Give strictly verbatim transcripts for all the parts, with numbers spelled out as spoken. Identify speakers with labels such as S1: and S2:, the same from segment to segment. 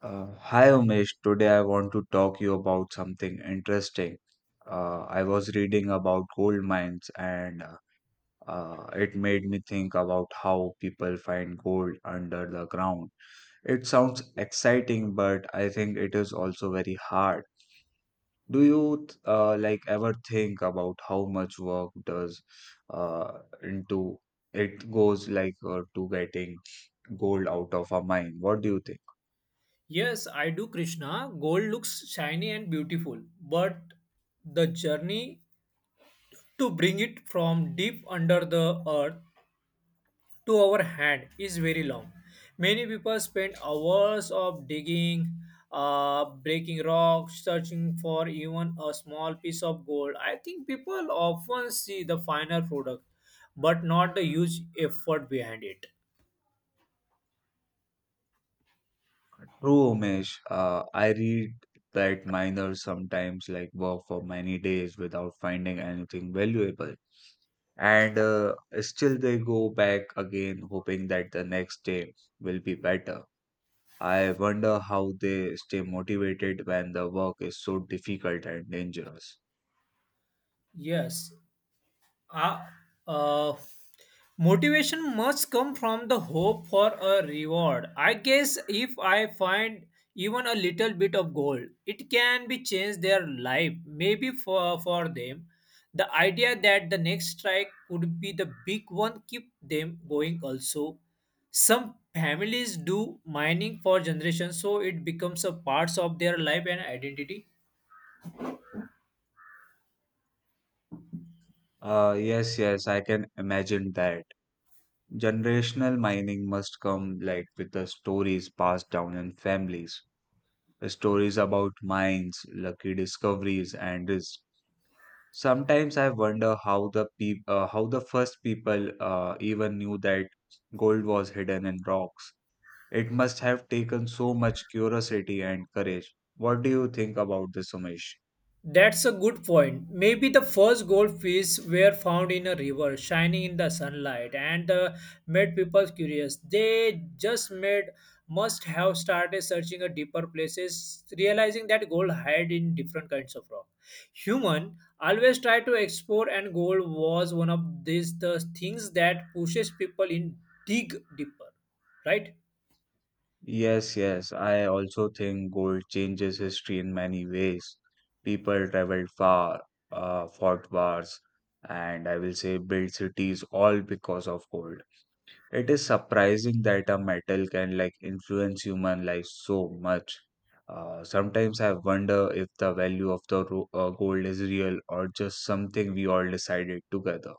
S1: Uh, hi Umesh, today I want to talk you about something interesting. Uh, I was reading about gold mines and uh, uh, it made me think about how people find gold under the ground. It sounds exciting, but I think it is also very hard. Do you th- uh, like ever think about how much work does uh, into it goes like uh, to getting gold out of a mine? What do you think?
S2: Yes, I do, Krishna. Gold looks shiny and beautiful, but the journey to bring it from deep under the earth to our hand is very long. Many people spend hours of digging, uh, breaking rocks, searching for even a small piece of gold. I think people often see the final product, but not the huge effort behind it.
S1: True, Umesh. Uh, I read that miners sometimes like work for many days without finding anything valuable, and uh, still they go back again, hoping that the next day will be better. I wonder how they stay motivated when the work is so difficult and dangerous.
S2: Yes, Ah, uh, motivation must come from the hope for a reward. I guess if I find even a little bit of gold, it can be change their life. Maybe for for them, the idea that the next strike could be the big one keep them going. Also, some families do mining for generations, so it becomes a parts of their life and identity.
S1: Uh, yes, yes, I can imagine that. Generational mining must come like with the stories passed down in families. Stories about mines, lucky discoveries, and risks. Sometimes I wonder how the peop- uh, how the first people uh, even knew that gold was hidden in rocks. It must have taken so much curiosity and courage. What do you think about this, Umesh?
S2: That's a good point. Maybe the first goldfish were found in a river, shining in the sunlight, and uh, made people curious. They just made must have started searching a deeper places, realizing that gold hide in different kinds of rock. Human always try to explore, and gold was one of these the things that pushes people in dig deeper, right?
S1: Yes, yes. I also think gold changes history in many ways. People traveled far, uh, fought wars, and I will say built cities all because of gold. It is surprising that a metal can like influence human life so much. Uh, sometimes I wonder if the value of the ro- uh, gold is real or just something we all decided together.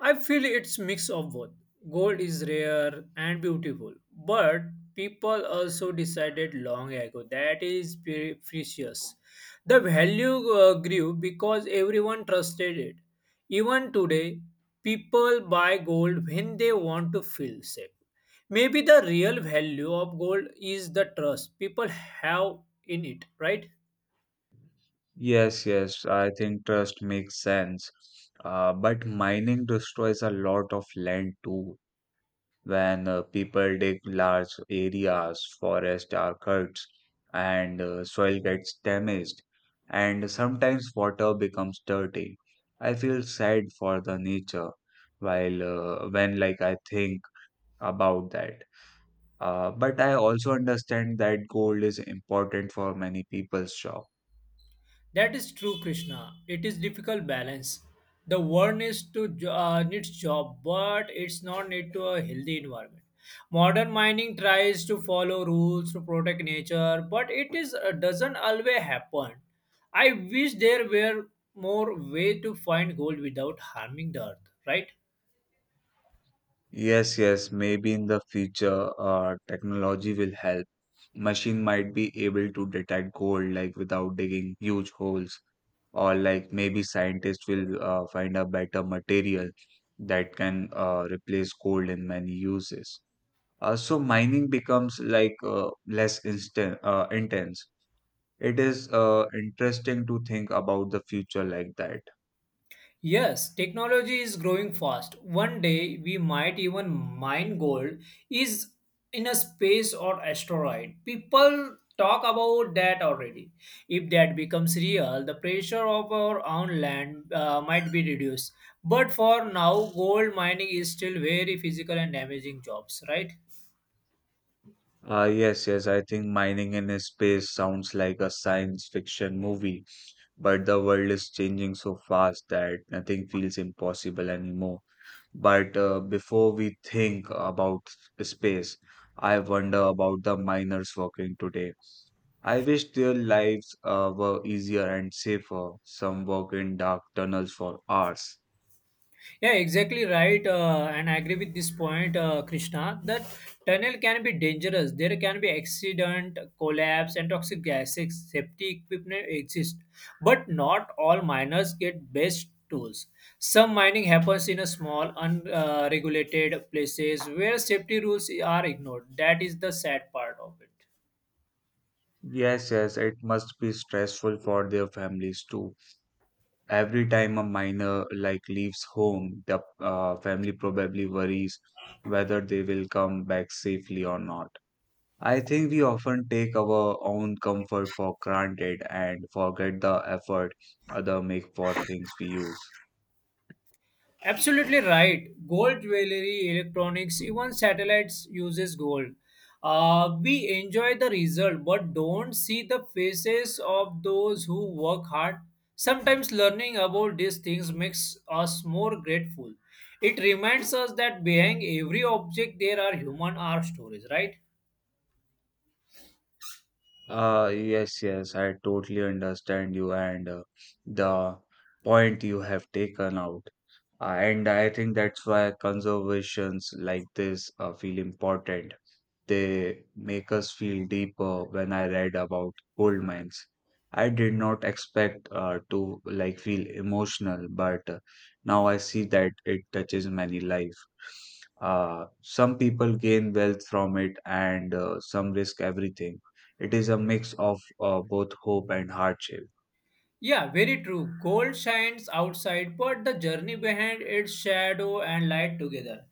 S2: I feel it's mix of both. Gold is rare and beautiful, but people also decided long ago that is pre- precious. The value uh, grew because everyone trusted it. Even today, people buy gold when they want to feel safe. Maybe the real value of gold is the trust people have in it, right?
S1: Yes, yes, I think trust makes sense. Uh, but mining destroys a lot of land too. When uh, people dig large areas, forests are cut, and uh, soil gets damaged, and sometimes water becomes dirty. I feel sad for the nature while uh, when like I think about that. Uh, but I also understand that gold is important for many people's job.
S2: That is true, Krishna. It is difficult balance. The world needs to jo- uh, needs job, but it's not need to a healthy environment. Modern mining tries to follow rules to protect nature, but it is uh, doesn't always happen. I wish there were more way to find gold without harming the earth. Right?
S1: Yes, yes, maybe in the future, uh, technology will help. Machine might be able to detect gold like without digging huge holes, or like maybe scientists will uh, find a better material that can uh, replace gold in many uses. Uh, so mining becomes like uh, less instant, uh, intense. It is uh, interesting to think about the future like that.
S2: Yes, technology is growing fast. One day we might even mine gold is in a space or asteroid. People talk about that already. If that becomes real, the pressure of our own land uh, might be reduced. But for now, gold mining is still very physical and damaging jobs, right?
S1: Uh, yes, yes, I think mining in space sounds like a science fiction movie, but the world is changing so fast that nothing feels impossible anymore. But uh, before we think about space, I wonder about the miners working today. I wish their lives uh, were easier and safer. Some work in dark tunnels for hours.
S2: Yeah, exactly right. Uh, and I agree with this point, uh, Krishna, that tunnel can be dangerous. There can be accident, collapse, and toxic gases. Safety equipment exist, but not all miners get best tools. Some mining happens in a small, unregulated places where safety rules are ignored. That is the sad part of it.
S1: Yes, yes, it must be stressful for their families too. Every time a miner like leaves home, the uh, family probably worries whether they will come back safely or not. I think we often take our own comfort for granted and forget the effort other make for things we use.
S2: Absolutely right. Gold jewelry, electronics, even satellites uses gold. Uh, we enjoy the result, but don't see the faces of those who work hard. Sometimes learning about these things makes us more grateful. It reminds us that behind every object there are human art stories, right?
S1: Uh, yes, yes, I totally understand you, and uh, the point you have taken out. Uh, and I think that's why conservations like this uh, feel important. They make us feel deeper when I read about gold mines. I did not expect uh, to like feel emotional, but uh, now I see that it touches many life. Uh, some people gain wealth from it, and uh, some risk everything. It is a mix of uh, both hope and hardship.
S2: Yeah, very true. Gold shines outside, but the journey behind its shadow and light together.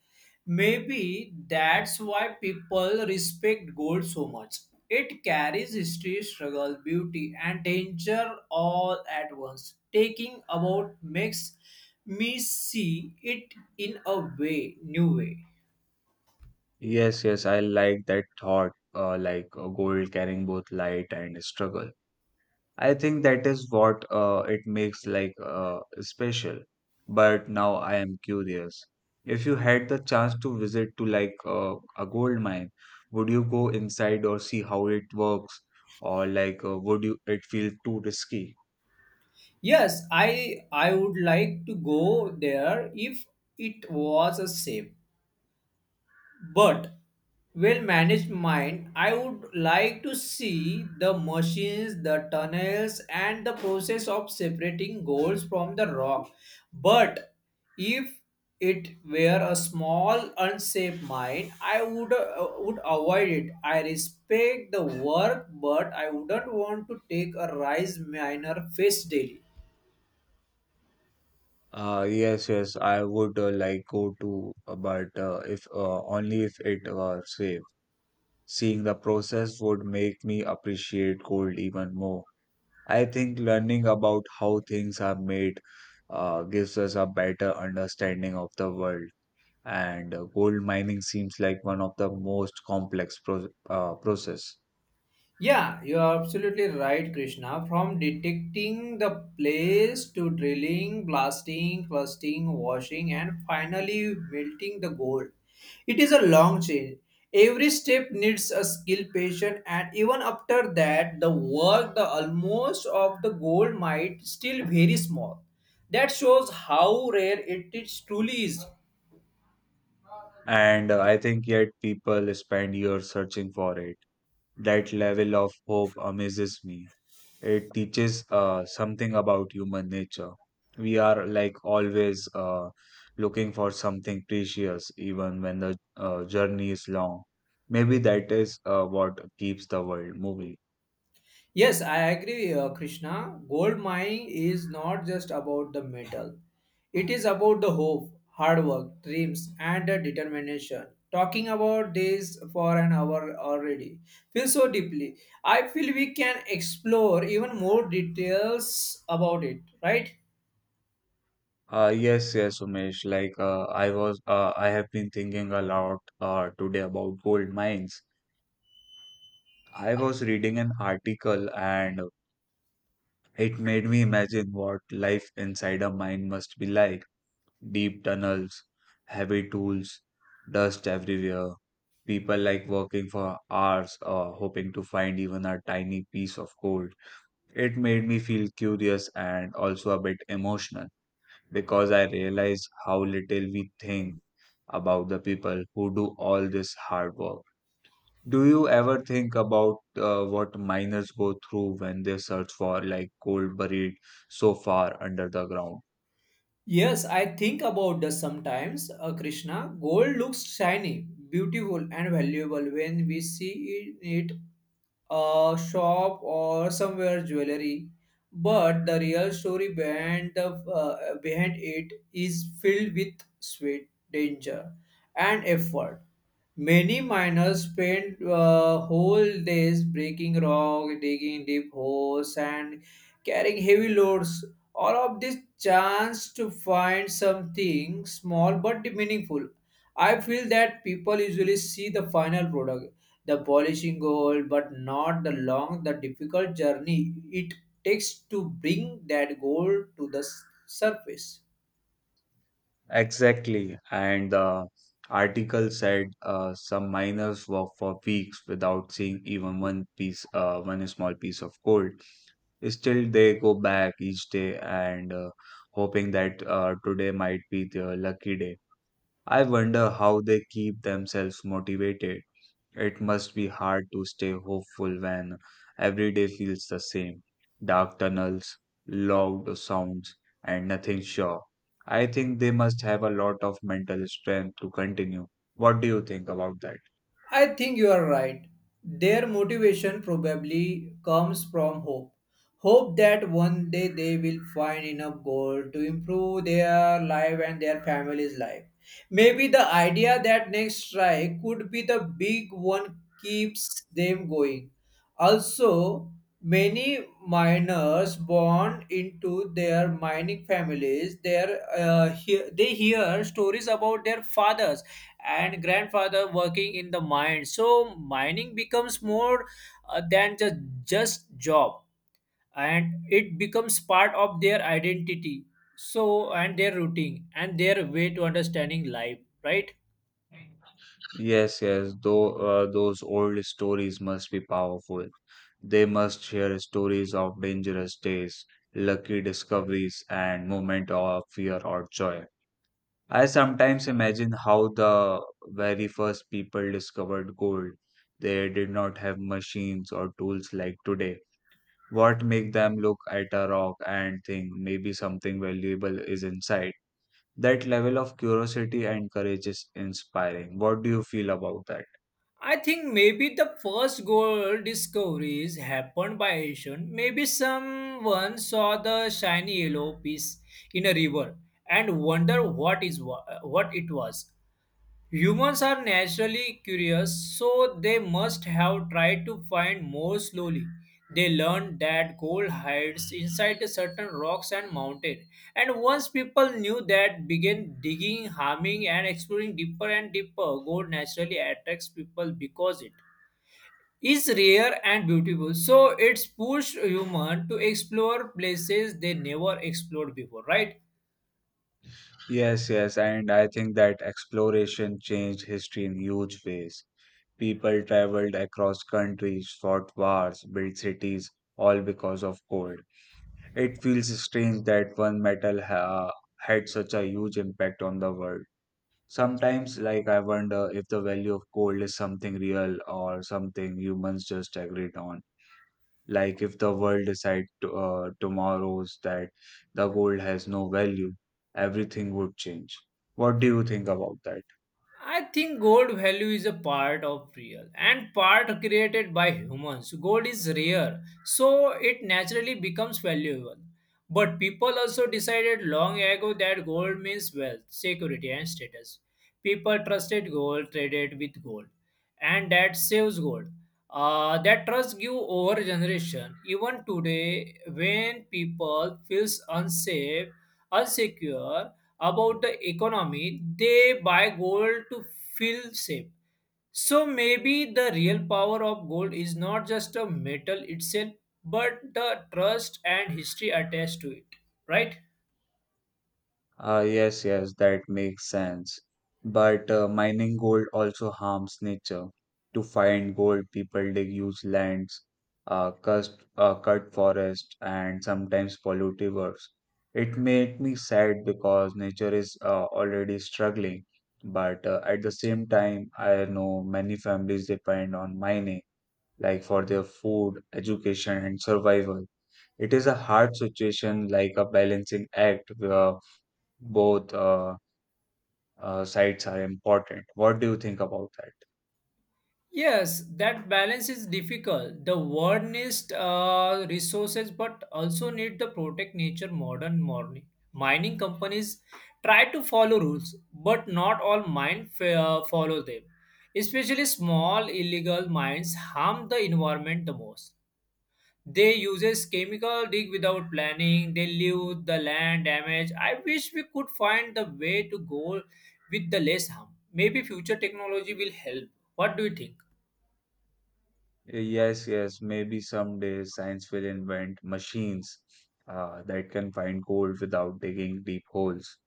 S2: Maybe that's why people respect gold so much. It carries history, struggle, beauty, and danger all at once. Taking about makes me see it in a way, new way.
S1: Yes, yes, I like that thought, uh, like uh, gold carrying both light and struggle. I think that is what uh, it makes like uh, special. But now I am curious. If you had the chance to visit to like uh, a gold mine, would you go inside or see how it works, or like uh, would you it feel too risky?
S2: Yes, I I would like to go there if it was a safe. But well-managed mind, I would like to see the machines, the tunnels, and the process of separating goals from the rock. But if it were a small, unsafe mind, I would uh, would avoid it. I respect the work, but I wouldn't want to take a rise minor face daily.
S1: Uh, yes, yes, I would uh, like go to, uh, but uh, if uh, only if it were safe. Seeing the process would make me appreciate gold even more. I think learning about how things are made uh, gives us a better understanding of the world. And uh, gold mining seems like one of the most complex pro- uh, process.
S2: Yeah, you are absolutely right, Krishna. From detecting the place to drilling, blasting, crusting, washing, and finally melting the gold, it is a long chain. Every step needs a skill, patient, and even after that, the work, the almost of the gold might still very small. That shows how rare it is truly is.
S1: And uh, I think yet people spend years searching for it. That level of hope amazes me. It teaches uh, something about human nature. We are like always uh, looking for something precious, even when the uh, journey is long. Maybe that is uh, what keeps the world moving.
S2: Yes, I agree, uh, Krishna. Gold mining is not just about the metal, it is about the hope, hard work, dreams, and the determination. Talking about this for an hour already feels so deeply. I feel we can explore even more details about it, right?
S1: Uh, yes, yes, Umesh. Like, uh, I was, uh, I have been thinking a lot uh, today about gold mines. I was reading an article, and it made me imagine what life inside a mine must be like. Deep tunnels, heavy tools, dust everywhere, people like working for hours or hoping to find even a tiny piece of gold. It made me feel curious and also a bit emotional because I realized how little we think about the people who do all this hard work. Do you ever think about uh, what miners go through when they search for like gold buried so far under the ground?
S2: Yes, I think about this sometimes, uh, Krishna. Gold looks shiny, beautiful, and valuable when we see it in a shop or somewhere jewelry. But the real story behind, the, uh, behind it is filled with sweat, danger, and effort. Many miners spend uh, whole days breaking rock, digging deep holes, and carrying heavy loads all of this chance to find something small but meaningful. I feel that people usually see the final product, the polishing goal, but not the long, the difficult journey it takes to bring that goal to the s- surface.
S1: Exactly. And the article said uh, some miners walk for weeks without seeing even one piece, uh, one small piece of gold. Still, they go back each day and uh, hoping that uh, today might be their lucky day. I wonder how they keep themselves motivated. It must be hard to stay hopeful when every day feels the same. Dark tunnels, loud sounds, and nothing sure. I think they must have a lot of mental strength to continue. What do you think about that?
S2: I think you are right. Their motivation probably comes from hope. Hope that one day they will find enough gold to improve their life and their family's life. Maybe the idea that next strike could be the big one keeps them going. Also, many miners born into their mining families, their, uh, hear, they hear stories about their fathers and grandfather working in the mine, so mining becomes more uh, than just just job, and it becomes part of their identity, so and their routine and their way to understanding life, right?
S1: Yes, yes, though uh, those old stories must be powerful. They must share stories of dangerous days, lucky discoveries, and moment of fear or joy. I sometimes imagine how the very first people discovered gold. They did not have machines or tools like today. What make them look at a rock and think maybe something valuable is inside? That level of curiosity and courage is inspiring. What do you feel about that?
S2: I think maybe the first gold discoveries happened by asian. Maybe someone saw the shiny yellow piece in a river and wonder what is wa- what it was. Humans are naturally curious, so they must have tried to find more slowly. They learned that gold hides inside certain rocks and mountains. And once people knew that, began digging, harming, and exploring deeper and deeper. Gold naturally attracts people because it is rare and beautiful. So it's pushed human to explore places they never explored before, right?
S1: Yes, yes, and I think that exploration changed history in huge ways. People traveled across countries, fought wars, built cities, all because of gold. It feels strange that one metal ha- had such a huge impact on the world. Sometimes, like, I wonder if the value of gold is something real or something humans just agreed on. Like, if the world decides to, uh, tomorrow's that the gold has no value, everything would change. What do you think about that?
S2: I think gold value is a part of real and part created by humans. Gold is rare, so it naturally becomes valuable. But people also decided long ago that gold means wealth, security, and status. People trusted gold, traded with gold, and that saves gold. Uh, that trust grew over generation. Even today, when people feels unsafe, unsecure, about the economy, they buy gold to feel safe. So maybe the real power of gold is not just a metal itself, but the trust and history attached to it, right?
S1: Ah, yes, yes, that makes sense. But uh, mining gold also harms nature. To find gold, people dig huge lands, uh, cust, uh, cut forests, and sometimes pollute rivers. It made me sad because nature is uh, already struggling. But uh, at the same time, I know many families depend on mining, like for their food, education, and survival. It is a hard situation, like a balancing act, where both uh, uh, sides are important. What do you think about that?
S2: Yes, that balance is difficult. The world needs uh, resources, but also need to protect nature. Modern morning mining companies try to follow rules, but not all mines uh, follow them. Especially small illegal mines harm the environment the most. They uses chemical dig without planning. They leave the land damage. I wish we could find the way to go with the less harm. Maybe future technology will help. What do you think?
S1: Yes, yes, maybe someday science will invent machines uh, that can find gold without digging deep holes.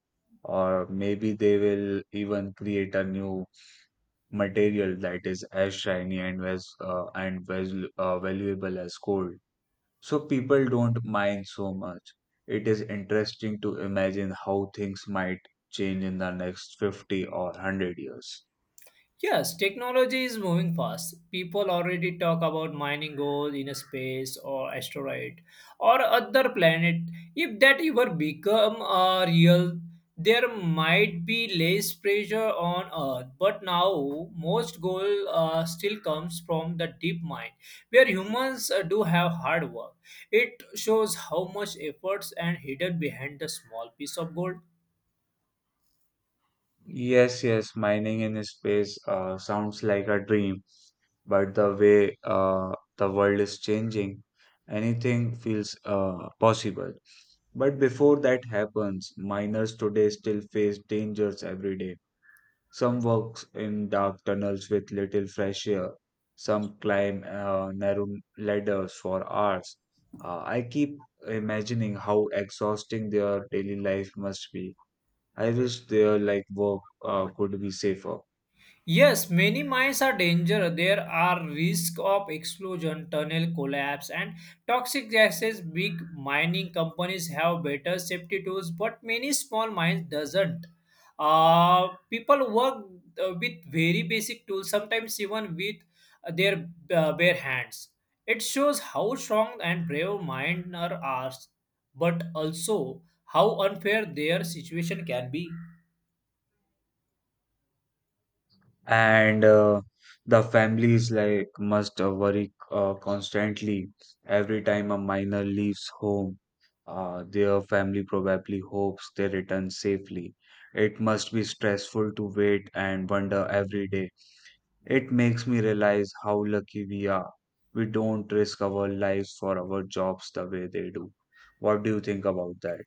S1: Or maybe they will even create a new material that is as shiny and as uh, and valu uh, valuable as gold. So people don't mind so much. It is interesting to imagine how things might change in the next fifty or one hundred years.
S2: Yes, technology is moving fast. People already talk about mining gold in a space or asteroid or other planet. If that ever become uh, real, there might be less pressure on Earth. But now, most gold uh, still comes from the deep mine, where humans uh, do have hard work. It shows how much efforts and hidden behind the small piece of gold.
S1: Yes, yes, mining in space uh, sounds like a dream, but the way uh, the world is changing, anything feels uh, possible. But before that happens, miners today still face dangers every day. Some work in dark tunnels with little fresh air, some climb uh, narrow ladders for hours. Uh, I keep imagining how exhausting their daily life must be. I wish their like work uh, could be safer.
S2: Yes, many mines are danger. There are risk of explosion, tunnel collapse, and toxic gases. Big mining companies have better safety tools, but many small mines doesn't. Uh, people work uh, with very basic tools, sometimes even with uh, their uh, bare hands. It shows how strong and brave miners are, but also how unfair their situation can be.
S1: And uh, the families like must uh, worry uh, constantly every time a minor leaves home. Uh, their family probably hopes they return safely. It must be stressful to wait and wonder every day. It makes me realize how lucky we are. We don't risk our lives for our jobs the way they do. What do you think about that?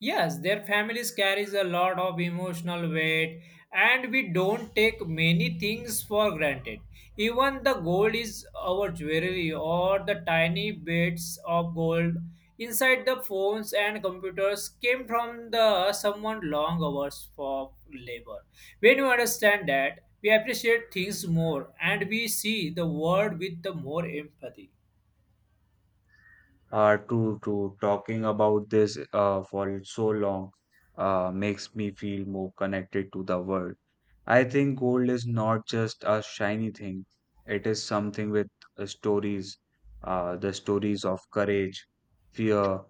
S2: Yes, their families carries a lot of emotional weight, and we don't take many things for granted. Even the gold is our jewelry or the tiny bits of gold inside the phones and computers came from the someone long hours for labor. When you understand that, we appreciate things more and we see the world with the more empathy.
S1: Uh, true, true. Talking about this uh, for so long uh, makes me feel more connected to the world. I think gold is not just a shiny thing, it is something with uh, stories, uh, the stories of courage, fear,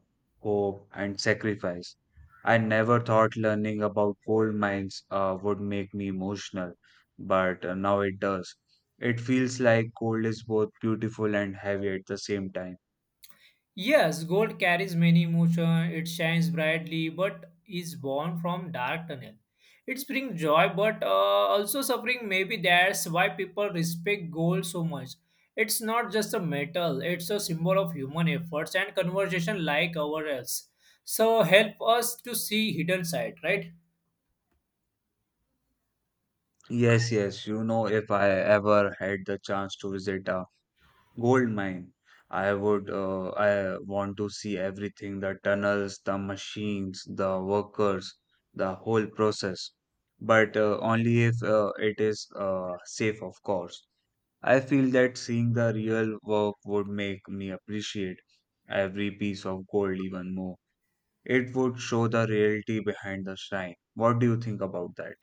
S1: hope, and sacrifice. I never thought learning about gold mines uh, would make me emotional, but uh, now it does. It feels like gold is both beautiful and heavy at the same time.
S2: Yes, gold carries many emotions. It shines brightly, but is born from dark tunnel. It brings joy, but uh, also suffering. Maybe that's why people respect gold so much. It's not just a metal; it's a symbol of human efforts and conversation like ours. So help us to see hidden side, right?
S1: Yes, yes. You know, if I ever had the chance to visit a gold mine, I would uh, I want to see everything, the tunnels, the machines, the workers, the whole process. But uh, only if uh, it is uh, safe, of course. I feel that seeing the real work would make me appreciate every piece of gold even more. It would show the reality behind the shine. What do you think about that?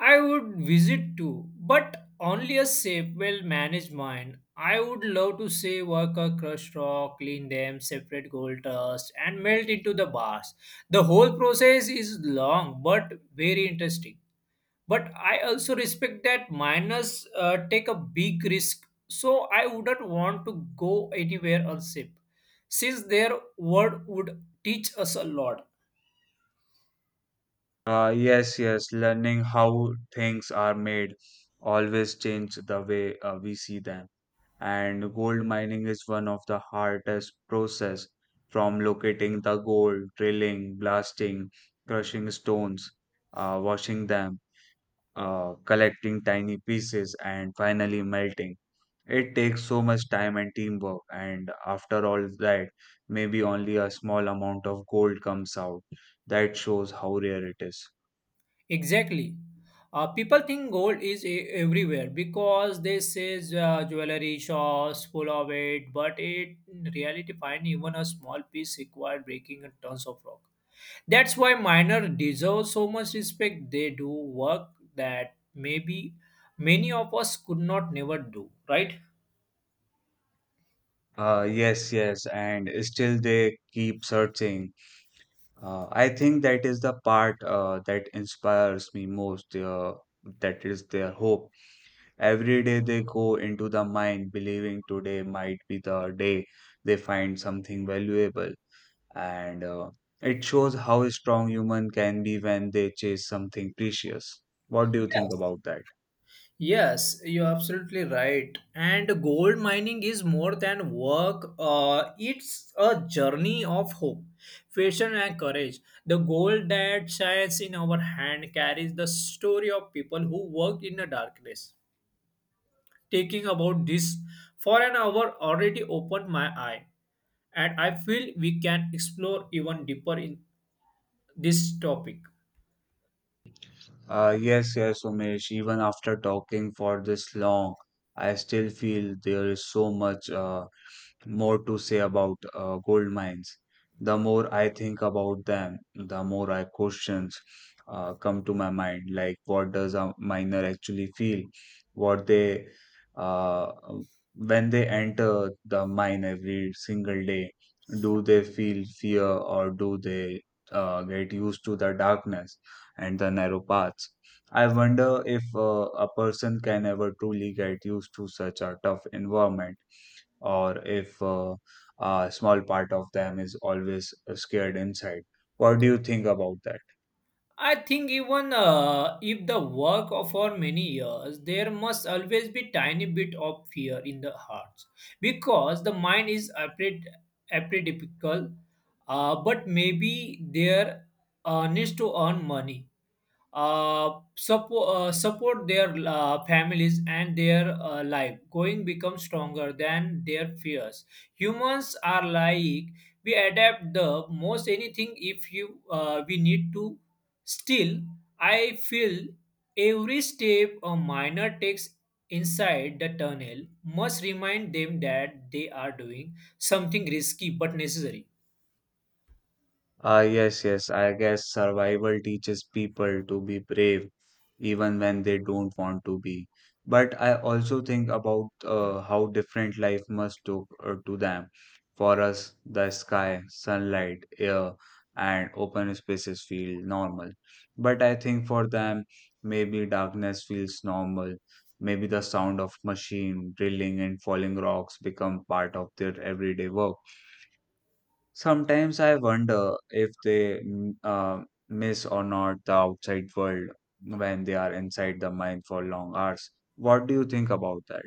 S2: I would visit too, but only a safe, well managed mine. I would love to see a crushed rock, clean them, separate gold dust, and melt into the bars. The whole process is long but very interesting. But I also respect that miners uh, take a big risk, so I wouldn't want to go anywhere unsafe, since their word would teach us a lot.
S1: Uh, yes, yes, learning how things are made always change the way uh, we see them. And gold mining is one of the hardest process, from locating the gold, drilling, blasting, crushing stones, uh, washing them, uh, collecting tiny pieces, and finally melting. It takes so much time and teamwork, and after all that, maybe only a small amount of gold comes out. That shows how rare it is.
S2: Exactly. Uh, people think gold is e- everywhere because they say uh, jewelry shops full of it, but it in reality find even a small piece required breaking in tons of rock. That's why miner deserve so much respect. They do work that maybe many of us could not never do. Right?
S1: Uh, yes, yes, and still they keep searching. Uh, I think that is the part uh, that inspires me most. Uh, that is their hope. Every day they go into the mine, believing today might be the day they find something valuable. And uh, it shows how strong human can be when they chase something precious. What do you think
S2: Yes.
S1: about that?
S2: Yes, you're absolutely right. And gold mining is more than work, uh, it's a journey of hope, passion, and courage. The gold that shines in our hand carries the story of people who worked in the darkness. Taking about this for an hour already opened my eye, and I feel we can explore even deeper in this topic.
S1: Uh, yes, yes, Umesh. Even after talking for this long, I still feel there is so much uh, more to say about uh, gold mines. The more I think about them, the more I questions uh, come to my mind. Like, what does a miner actually feel? What they uh, when they enter the mine every single day, do they feel fear, or do they uh, get used to the darkness and the narrow paths? I wonder if uh, a person can ever truly get used to such a tough environment, or if uh, a small part of them is always uh, scared inside. What do you think about that?
S2: I think even uh, if the work of for many years, there must always be tiny bit of fear in the hearts because the mind is apred- apprehensive. Uh, but maybe there uh, needs to earn money, uh, support uh, support their uh, families, and their uh, life going becomes stronger than their fears. Humans are like, we adapt the most anything if you uh, we need to. Still, I feel every step a miner takes inside the tunnel must remind them that they are doing something risky but necessary.
S1: Ah, yes, yes. I guess survival teaches people to be brave even when they don't want to be. But I also think about uh, how different life must to, uh, to them. For us, the sky, sunlight, air, and open spaces feel normal. But I think for them, maybe darkness feels normal. Maybe the sound of machine drilling and falling rocks become part of their everyday work. Sometimes I wonder if they mm, uh, miss or not the outside world when they are inside the mind for long hours. What do you think about that?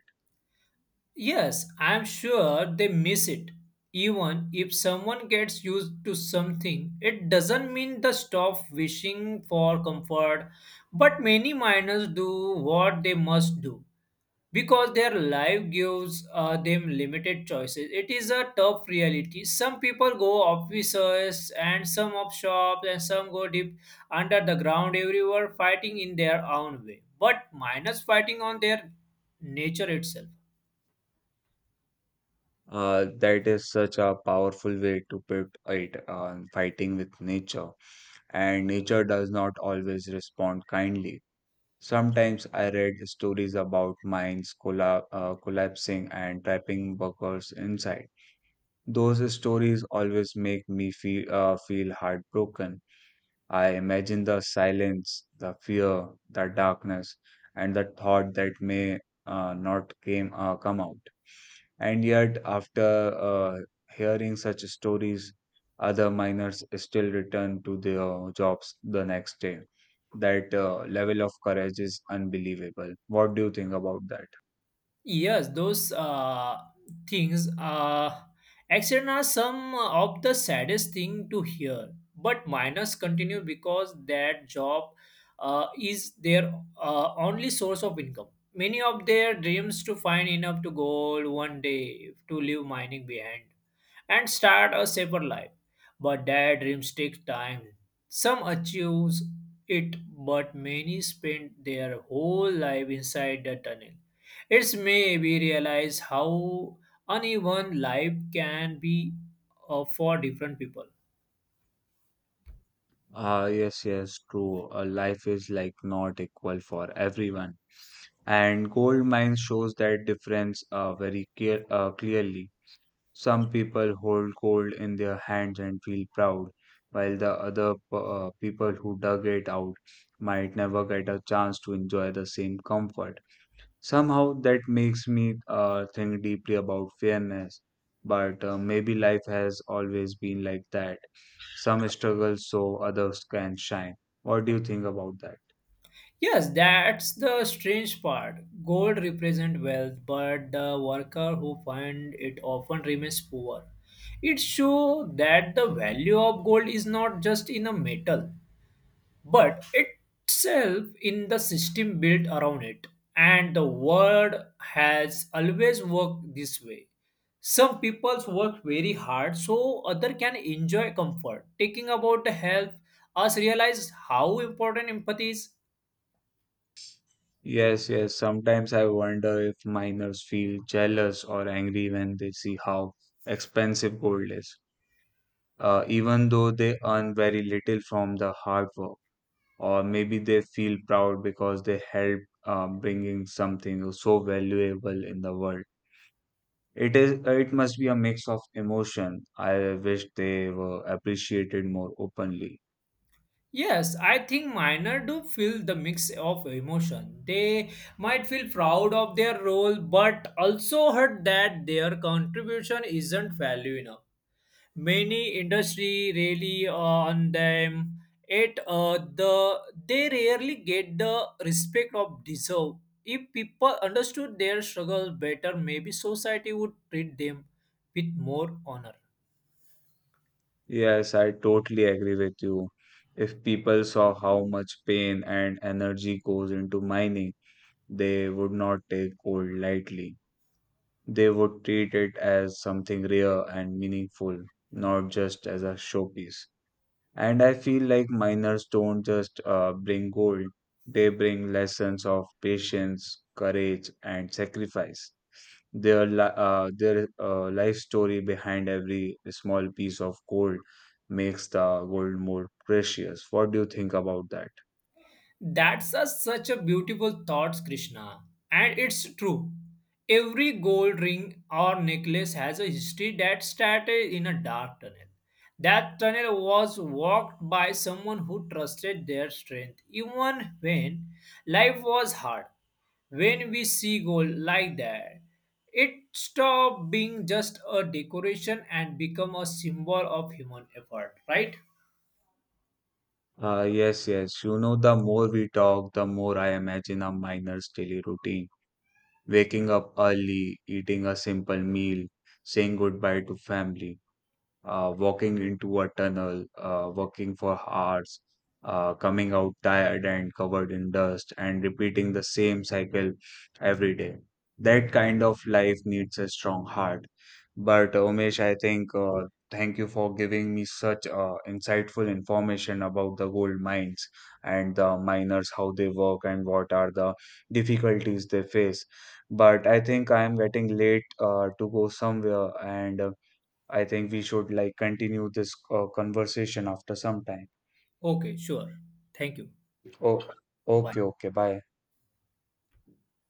S2: Yes, I'm sure they miss it. Even if someone gets used to something, it doesn't mean they stop wishing for comfort. But many miners do what they must do because their life gives uh, them limited choices. It is a tough reality. Some people go offices and some up shops and some go deep under the ground everywhere, fighting in their own way. But miners fighting on their nature itself.
S1: Uh, that is such a powerful way to put it, uh, fighting with nature. And nature does not always respond kindly. Sometimes I read stories about mines colla uh, collapsing and trapping workers inside. Those stories always make me feel, uh, feel heartbroken. I imagine the silence, the fear, the darkness, and the thought that may uh, not came uh, come out. And yet, after uh, hearing such stories, other miners still return to their jobs the next day. That uh, level of courage is unbelievable. What do you think about that?
S2: Yes, those uh, things. Uh, accident are some of the saddest thing to hear. But miners continue because that job uh, is their uh, only source of income. Many of their dreams to find enough to gold one day to leave mining behind and start a safer life. But daydreams take time. Some achieve it, but many spend their whole life inside the tunnel. It's made me realize how uneven life can be, uh, for different people.
S1: Ah, yes, yes, true. Uh, life is like not equal for everyone. And gold mine shows that difference uh, very clear, uh, clearly. Some people hold gold in their hands and feel proud, while the other p- uh, people who dug it out might never get a chance to enjoy the same comfort. Somehow that makes me uh, think deeply about fairness, but uh, maybe life has always been like that. Some struggle so others can shine. What do you think about that?
S2: Yes, that's the strange part. Gold represents wealth, but the worker who finds it often remains poor. It shows that the value of gold is not just in a metal, but itself in the system built around it. And the world has always worked this way. Some people's work very hard so other can enjoy comfort. Taking about the health, us realize how important empathy is.
S1: Yes, yes. Sometimes I wonder if miners feel jealous or angry when they see how expensive gold is, uh, even though they earn very little from the hard work. Or maybe they feel proud because they helped uh, bringing something so valuable in the world. It is. It must be a mix of emotion. I wish they were appreciated more openly.
S2: Yes, I think minor do feel the mix of emotion. They might feel proud of their role, but also hurt that their contribution isn't value enough. Many industry really on them. Yet uh, the they rarely get the respect of deserve. If people understood their struggles better, maybe society would treat them with more honor.
S1: Yes, I totally agree with you. If people saw how much pain and energy goes into mining, they would not take gold lightly. They would treat it as something rare and meaningful, not just as a showpiece. And I feel like miners don't just uh, bring gold, they bring lessons of patience, courage, and sacrifice. Their, li- uh, their uh, life story behind every small piece of gold makes the gold more precious. What do you think about that?
S2: That's a, such a beautiful thought, Krishna. And it's true. Every gold ring or necklace has a history that started in a dark tunnel. That tunnel was walked by someone who trusted their strength, even when life was hard. When we see gold like that, it stopped being just a decoration and become a symbol of human effort, right?
S1: Uh, yes, yes. You know, the more we talk, the more I imagine a miner's daily routine: waking up early, eating a simple meal, saying goodbye to family, uh, walking into a tunnel, uh, working for hours, uh, coming out tired and covered in dust, and repeating the same cycle every day. That kind of life needs a strong heart. But uh, Umesh, I think uh, thank you for giving me such uh, insightful information about the gold mines and the miners, how they work, and what are the difficulties they face. But I think I am getting late uh, to go somewhere, and uh, I think we should like continue this uh, conversation after some time.
S2: Okay, sure. Thank you.
S1: Oh, okay,
S2: Bye.
S1: okay, bye.